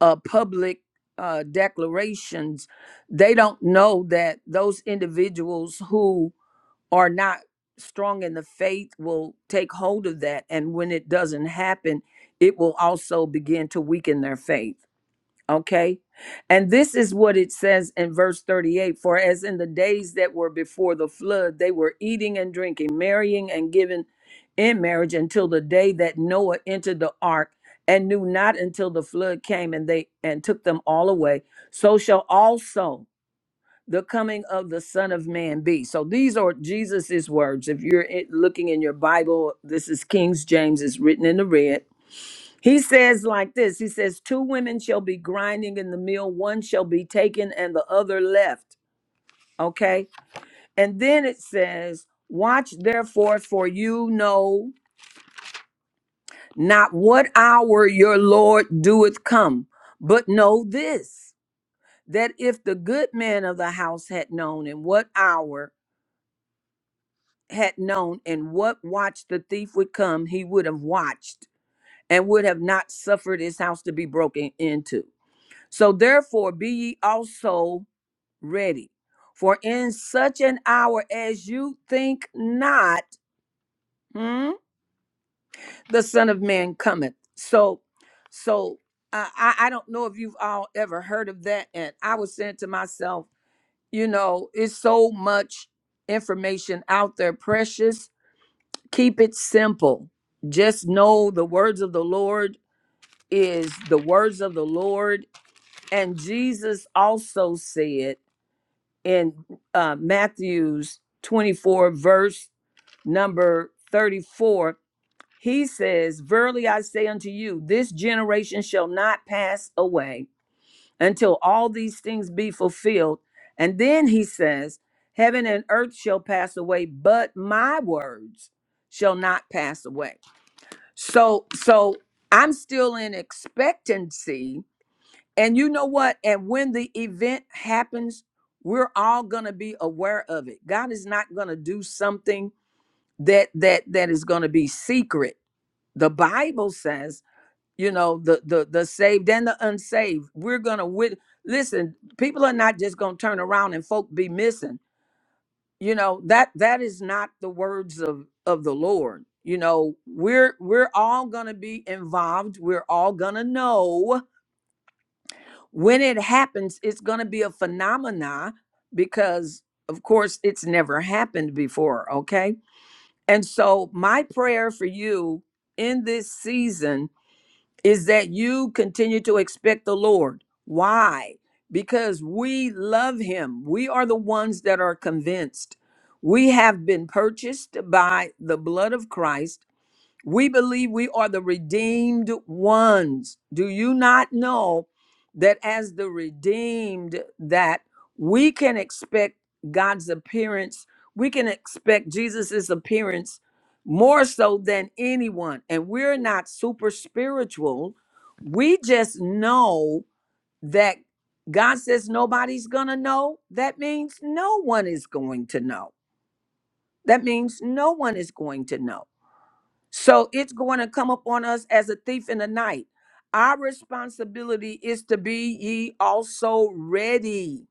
B: uh, public uh, declarations. They don't know that those individuals who are not strong in the faith will take hold of that. And when it doesn't happen, it will also begin to weaken their faith. Okay. And this is what it says in verse 38 For as in the days that were before the flood, they were eating and drinking, marrying and giving in marriage until the day that Noah entered the ark and knew not until the flood came and they and took them all away so shall also the coming of the Son of Man be. So these are Jesus's words. If you're i- looking in your Bible, this is King's James, it's written in the red. He says like this He says, Two women shall be grinding in the mill, one shall be taken and the other left. Okay. And then it says, Watch therefore, for you know not what hour your Lord doeth come, but know this. That if the good man of the house had known in what hour had known in what watch the thief would come, he would have watched and would have not suffered his house to be broken into. So therefore, be ye also ready. For in such an hour as you think not, hmm, the Son of Man cometh. So, so uh, I, I don't know if you've all ever heard of that. And I was saying to myself, you know, it's so much information out there, precious keep it simple. Just know the words of the Lord is the words of the Lord. And Jesus also said in uh, Matthew's 24, verse number 34, he says, Verily I say unto you, this generation shall not pass away until all these things be fulfilled. And then he says, Heaven and earth shall pass away, but my words shall not pass away. So so I'm still in expectancy. And you know what? And when the event happens, we're all going to be aware of it. God is not going to do something that that that is going to be secret. The Bible says, you know, the the the saved and the unsaved, we're going to wit- listen, people are not just going to turn around and folk be missing you know that that is not the words of of the lord you know we're we're all going to be involved we're all going to know when it happens it's going to be a phenomena because of course it's never happened before okay and so my prayer for you in this season is that you continue to expect the Lord. Why? Because we love him. We are the ones that are convinced. We have been purchased by the blood of Christ we believe we are the redeemed ones. Do you not know that as the redeemed that we can expect God's appearance, we can expect Jesus's appearance more so than anyone. And we're not super spiritual. We just know that God says nobody's going to know. That means no one is going to know. That means no one is going to know. So it's going to come upon us as a thief in the night. Our responsibility is to be ye also ready.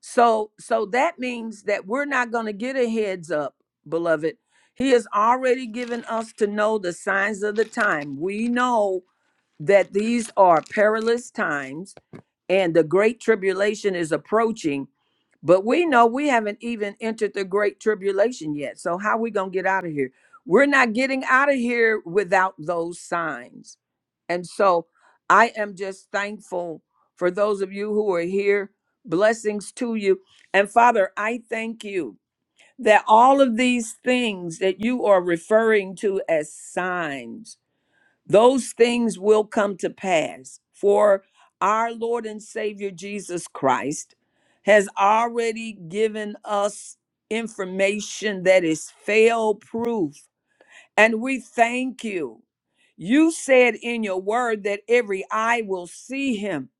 B: So so that means that we're not going to get a heads up, beloved. He has already given us to know the signs of the time. We know that these are perilous times and the great tribulation is approaching but we know we haven't even entered the great tribulation yet so how are we going to get out of here we're not getting out of here without those signs and so i am just thankful for those of you who are here blessings to you and father i thank you that all of these things that you are referring to as signs those things will come to pass, for our Lord and Savior Jesus Christ has already given us information that is fail proof. And we thank you. You said in your word that every eye will see him.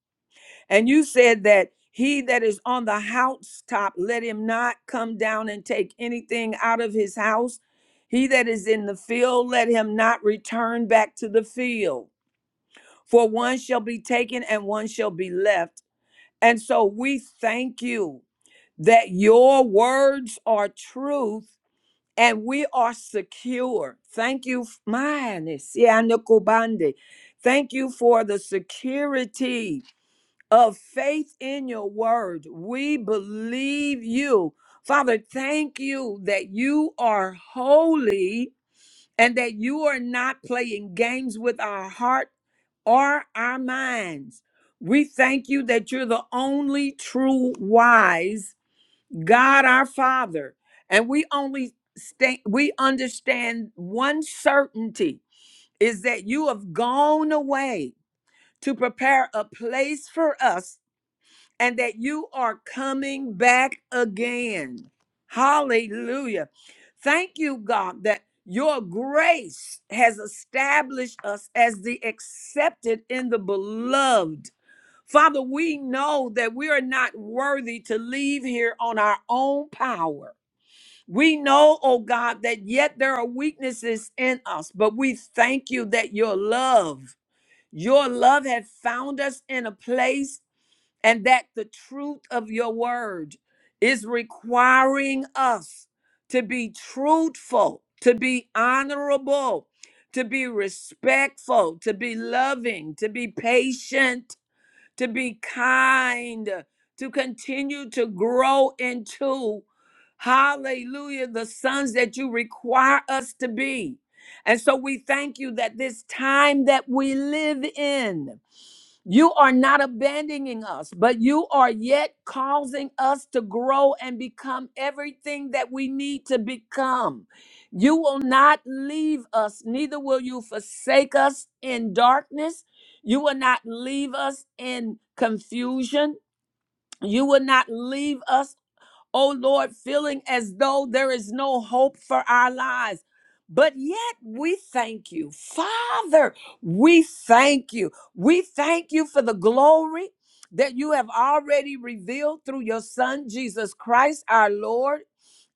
B: And you said that he that is on the housetop, let him not come down and take anything out of his house. He that is in the field, let him not return back to the field for one shall be taken and one shall be left. And so we thank you that your words are truth and we are secure. Thank you, f- mine, Siana Thank you for the security of faith in your word. We believe you. Father, thank you that you are holy and that you are not playing games with our heart or our minds. We thank you that you're the only true wise God our Father. And we only stand, we understand one certainty is that you have gone away to prepare a place for us and that you are coming back again. Hallelujah. Thank you, God, that your grace has established us as the accepted in the beloved. Father, we know that we are not worthy to leave here on our own power. We know, oh God, that yet there are weaknesses in us, but we thank you that your love, your love had found us in a place and that the truth of your word is requiring us to be truthful, to be honorable, to be respectful, to be loving, to be patient, to be kind, to continue to grow into, hallelujah, the sons that you require us to be. And so we thank you that this time that we live in, you are not abandoning us, but you are yet causing us to grow and become everything that we need to become. You will not leave us, neither will you forsake us in darkness. You will not leave us in confusion. You will not leave us oh Lord, feeling as though there is no hope for our lives. But yet we thank you. Father, we thank you. We thank you for the glory that you have already revealed through your Son, Jesus Christ, our Lord.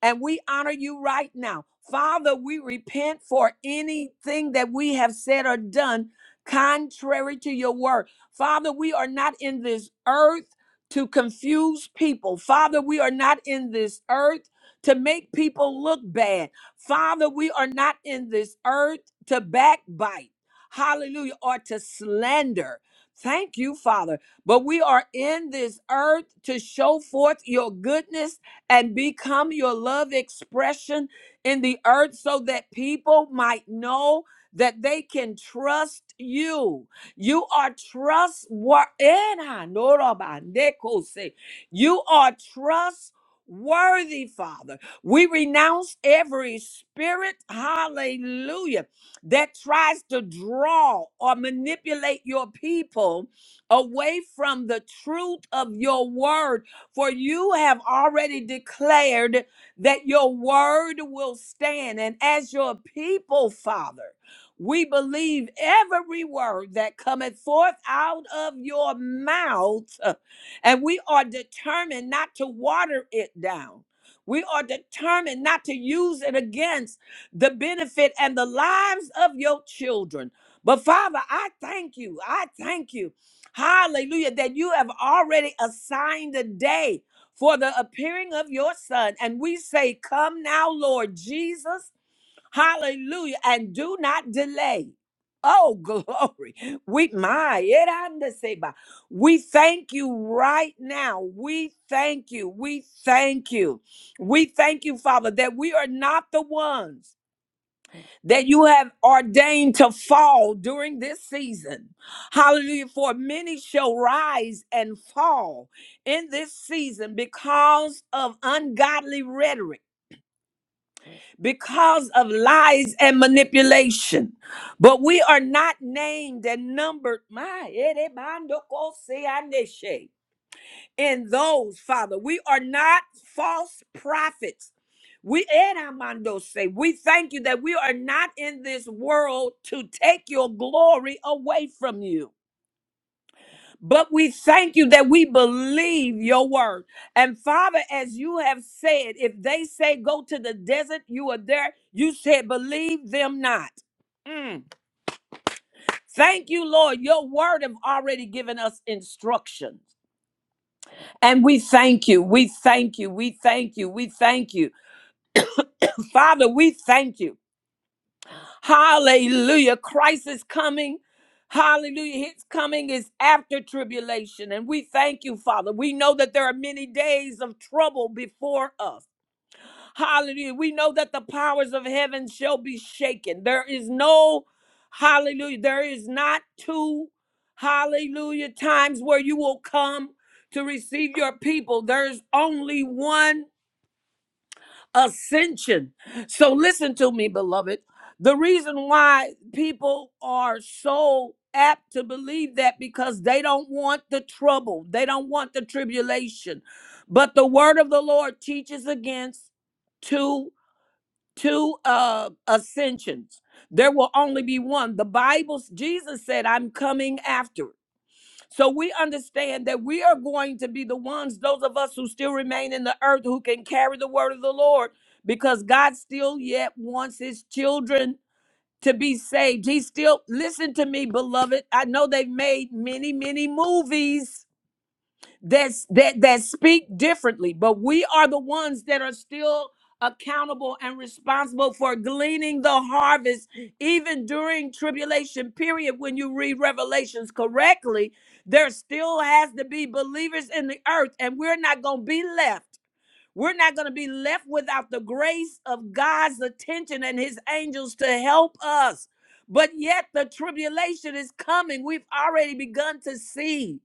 B: And we honor you right now. Father, we repent for anything that we have said or done contrary to your word. Father, we are not in this earth to confuse people. Father, we are not in this earth to make people look bad. Father, we are not in this earth to backbite. Hallelujah. Or to slander. Thank you, Father. But we are in this earth to show forth your goodness and become your love expression in the earth so that people might know that they can trust you you are trustworthy. <laughs> You are trustworthy, Father. We renounce every spirit, hallelujah, that tries to draw or manipulate your people away from the truth of your word. For you have already declared that your word will stand. And as your people, Father, we believe every word that cometh forth out of your mouth, and we are determined not to water it down. We are determined not to use it against the benefit and the lives of your children. But Father, I thank you. I thank you. Hallelujah, that you have already assigned a day for the appearing of your Son. And we say, Come now, Lord Jesus. Hallelujah. And do not delay. Oh, <laughs> glory. We my it under say by. We thank you right now. We thank you. We thank you. We thank you, Father, that we are not the ones that you have ordained to fall during this season. Hallelujah. For many shall rise and fall in this season because of ungodly rhetoric because of lies and manipulation. But we are not named and numbered my, erebandokosianeshe, in those, Father. We are not false prophets. We eramando say we thank you that we are not in this world to take your glory away from you. But we thank you that we believe your word. And Father, as you have said, if they say go to the desert, you are there. You said, believe them not. Mm. Thank you, Lord. Your word have already given us instructions. And we thank you. We thank you. We thank you. We thank you. Father, we thank you. Hallelujah. Christ is coming. Hallelujah. His coming is after tribulation. And we thank you, Father. We know that there are many days of trouble before us. Hallelujah. We know that the powers of heaven shall be shaken. There is no, hallelujah, there is not two, hallelujah, times where you will come to receive your people. There's only one ascension. So listen to me, beloved. The reason why people are so apt to believe that because they don't want the trouble, they don't want the tribulation. But the word of the Lord teaches against two two uh ascensions. There will only be one. The Bible Jesus said, "I'm coming after." So we understand that we are going to be the ones, those of us who still remain in the earth, who can carry the word of the Lord, because God still yet wants his children to be saved. He still, listen to me, beloved. I know they've made many, many movies that's that that speak differently but we are the ones that are still accountable and responsible for gleaning the harvest even during tribulation period when you read revelations correctly there still has to be believers in the earth and we're not going to be left we're not going to be left without the grace of god's attention and his angels to help us but yet the tribulation is coming we've already begun to see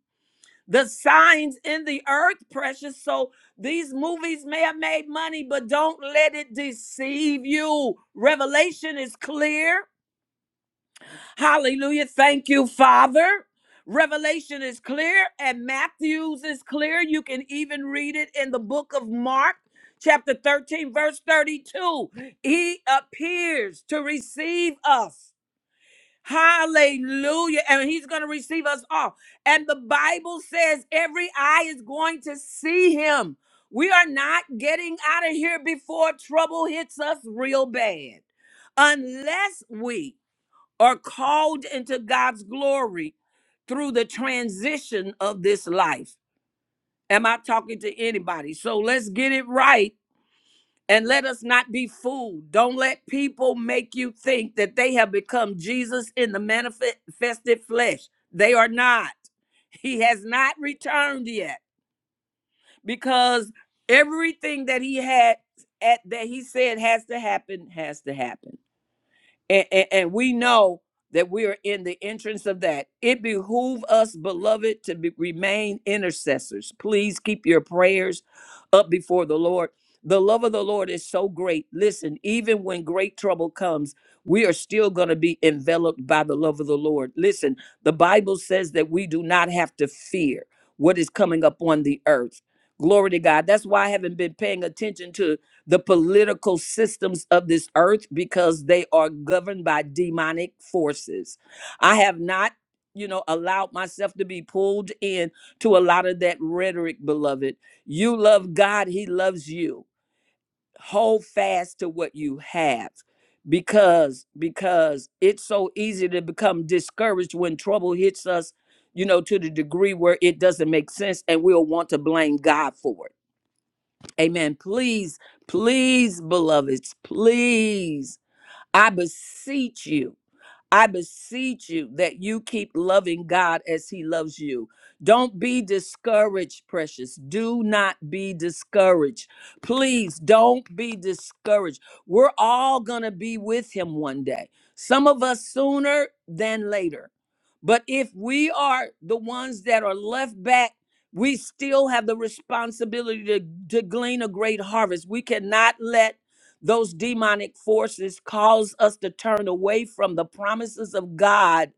B: the signs in the earth, precious. So these movies may have made money, but don't let it deceive you. Revelation is clear. Hallelujah. Thank you, Father. Revelation is clear, and Matthew's is clear. You can even read it in the book of Mark. Chapter 13, verse 32, he appears to receive us. Hallelujah. And he's going to receive us all. And the Bible says every eye is going to see him. We are not getting out of here before trouble hits us real bad. Unless we are called into God's glory through the transition of this life. Am I talking to anybody? So let's get it right and let us not be fooled. Don't let people make you think that they have become Jesus in the manifested flesh. They are not. He has not returned yet because everything that he had at that he said has to happen has to happen and, and, and we know that we are in the entrance of that. It behoove us, beloved, to be, remain intercessors. Please keep your prayers up before the Lord. The love of the Lord is so great. Listen, even when great trouble comes, we are still going to be enveloped by the love of the Lord. Listen, the Bible says that we do not have to fear what is coming up on the earth. Glory to God. That's why I haven't been paying attention to the political systems of this earth because they are governed by demonic forces. I have not, you know, allowed myself to be pulled in to a lot of that rhetoric, beloved. You love God, he loves you. Hold fast to what you have because because it's so easy to become discouraged when trouble hits us, you know, to the degree where it doesn't make sense and we'll want to blame God for it Amen. Please, please, beloveds, please, I beseech you. I beseech you that you keep loving God as He loves you. Don't be discouraged, precious. Do not be discouraged. Please don't be discouraged. We're all going to be with Him one day, some of us sooner than later. But if we are the ones that are left back, we still have the responsibility to, to glean a great harvest. We cannot let those demonic forces cause us to turn away from the promises of God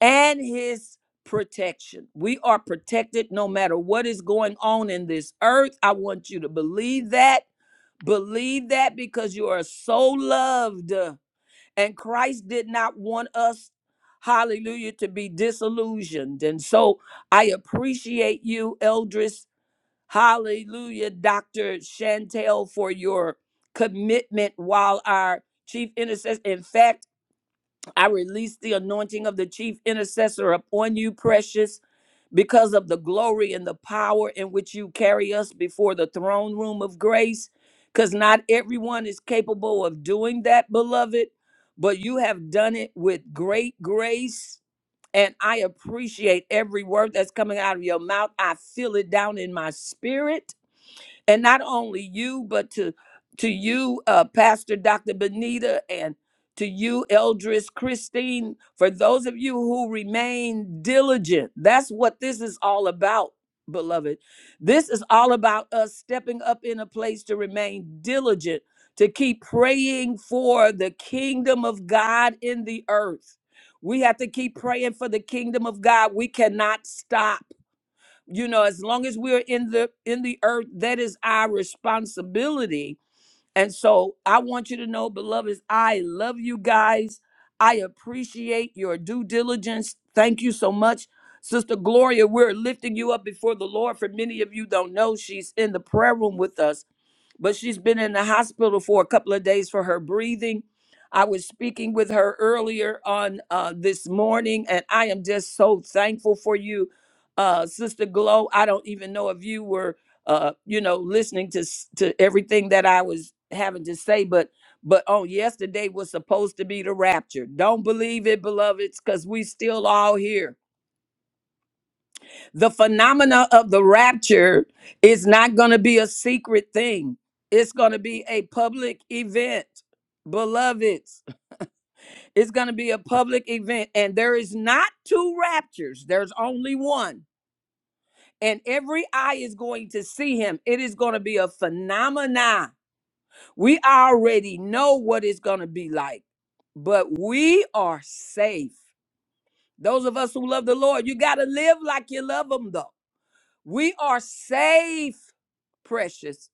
B: and his protection. We are protected no matter what is going on in this earth. I want you to believe that. Believe that because you are so loved uh, and Christ did not want us hallelujah to be disillusioned. And so I appreciate you Eldris Hallelujah, Dr. Chantel, for your commitment while our chief intercessor. In fact, I release the anointing of the chief intercessor upon you, precious, because of the glory and the power in which you carry us before the throne room of grace. Because not everyone is capable of doing that, beloved, but you have done it with great grace. And I appreciate every word that's coming out of your mouth. I feel it down in my spirit and not only you but to to you uh, pastor dr benita and to you eldris christine for those of you who remain diligent that's what this is all about beloved this is all about us stepping up in a place to remain diligent to keep praying for the kingdom of god in the earth we have to keep praying for the kingdom of god we cannot stop you know as long as we're in the in the earth that is our responsibility and so i want you to know beloveds i love you guys i appreciate your due diligence thank you so much sister gloria we're lifting you up before the lord for many of you don't know she's in the prayer room with us but she's been in the hospital for a couple of days for her breathing. I was speaking with her earlier on uh, this morning, and I am just so thankful for you, uh, Sister Glow. I don't even know if you were, uh, you know, listening to s- to everything that I was having to say, but but on yesterday was supposed to be the rapture. Don't believe it, beloveds, because we still all here the phenomena of the rapture is not going to be a secret thing. It's going to be a public event, beloveds. It's going to be a public event. And there is not two raptures, there's only one. And every eye is going to see him. It is going to be a phenomena. We already know what it's going to be like, but we are safe. Those of us who love the Lord, you got to live like you love him, though. We are safe, precious.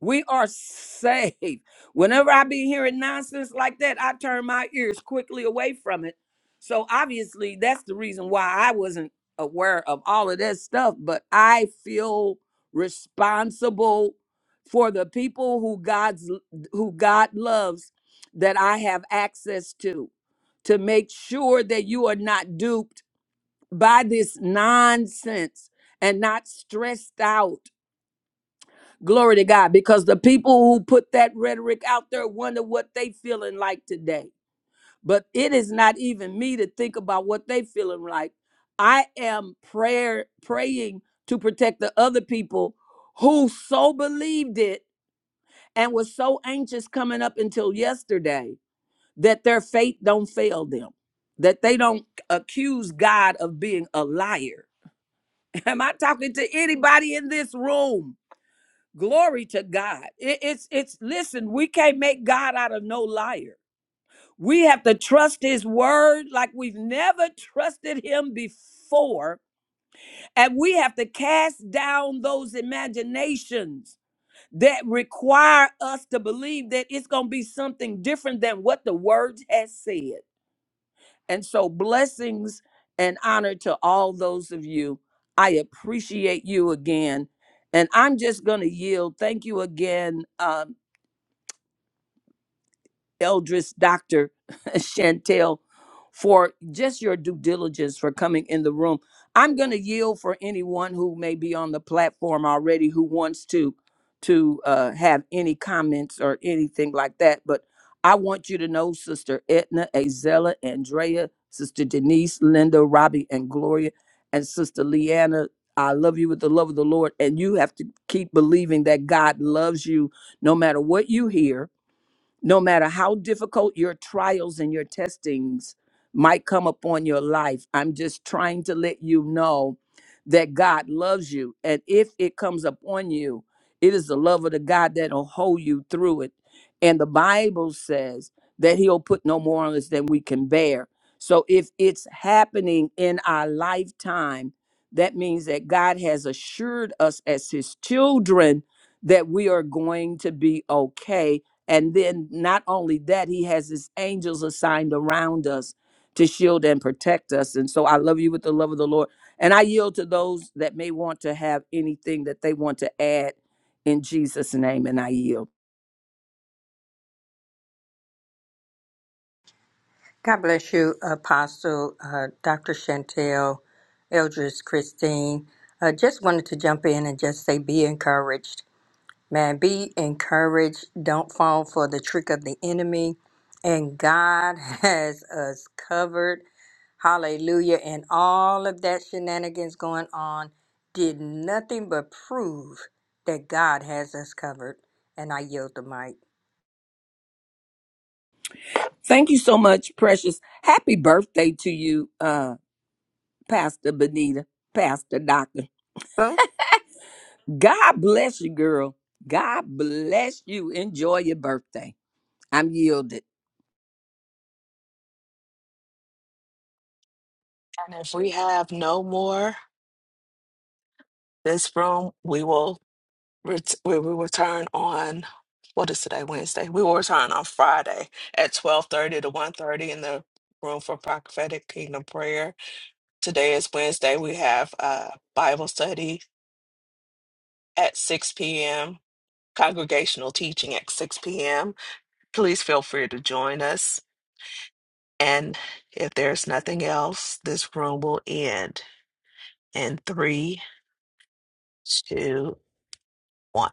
B: We are safe. Whenever I be hearing nonsense like that, I turn my ears quickly away from it. So obviously, that's the reason why I wasn't aware of all of that stuff, but I feel responsible for the people who God's who God loves that I have access to to make sure that you are not duped by this nonsense and not stressed out. Glory to God, because the people who put that rhetoric out there wonder what they feeling like today. But it is not even me to think about what they feeling like. I am prayer praying to protect the other people who so believed it and was so anxious coming up until yesterday that their faith don't fail them, that they don't accuse God of being a liar Am I talking to anybody in this room? Glory to God. It- it's it's listen, we can't make God out of no liar. We have to trust his word like we've never trusted him before, and we have to cast down those imaginations that require us to believe that it's going to be something different than what the word has said. And so, blessings and honor to all those of you. I appreciate you again. And I'm just going to yield. Thank you again, uh, Eldris, Dr. <laughs> Chantel, for just your due diligence for coming in the room. I'm going to yield for anyone who may be on the platform already who wants to to uh, have any comments or anything like that. But I want you to know, Sister Etna, Azella, Andrea, Sister Denise, Linda, Robbie, and Gloria, and Sister Leanna. I love you with the love of the Lord, and you have to keep believing that God loves you no matter what you hear no matter how difficult your trials and your testings might come upon your life, I'm just trying to let you know that God loves you. And if it comes upon you, it is the love of the God that'll hold you through it. And the Bible says that He'll put no more on us than we can bear. So if it's happening in our lifetime, that means that God has assured us as His children that we are going to be okay and then not only that, he has his angels assigned around us to shield and protect us. And so I love you with the love of the Lord. And I yield to those that may want to have anything that they want to add in Jesus' name. And I yield.
C: God bless you, Apostle uh, Dr. Chantel, Eldris Christine. Uh, just wanted to jump in and just say, be encouraged, man. Be encouraged. Don't fall for the trick of the enemy. And God <laughs> has us covered. Hallelujah. And all of that shenanigans going on did nothing but prove that God has us covered. And I yield the mic.
B: Thank you so much, precious. Happy birthday to you, uh, Pastor Benita, Pastor Doctor. God bless you, girl. God bless you. Enjoy your birthday. I'm yielded.
A: And if we have no more this room, we will ret- we will return on what is today Wednesday. We will return on Friday at twelve thirty to one thirty in the room for prophetic kingdom prayer. Today is Wednesday. We have uh Bible study at 6 p.m., congregational teaching at 6 p.m. Please feel free to join us. And if there's nothing else, this room will end in three, two, one.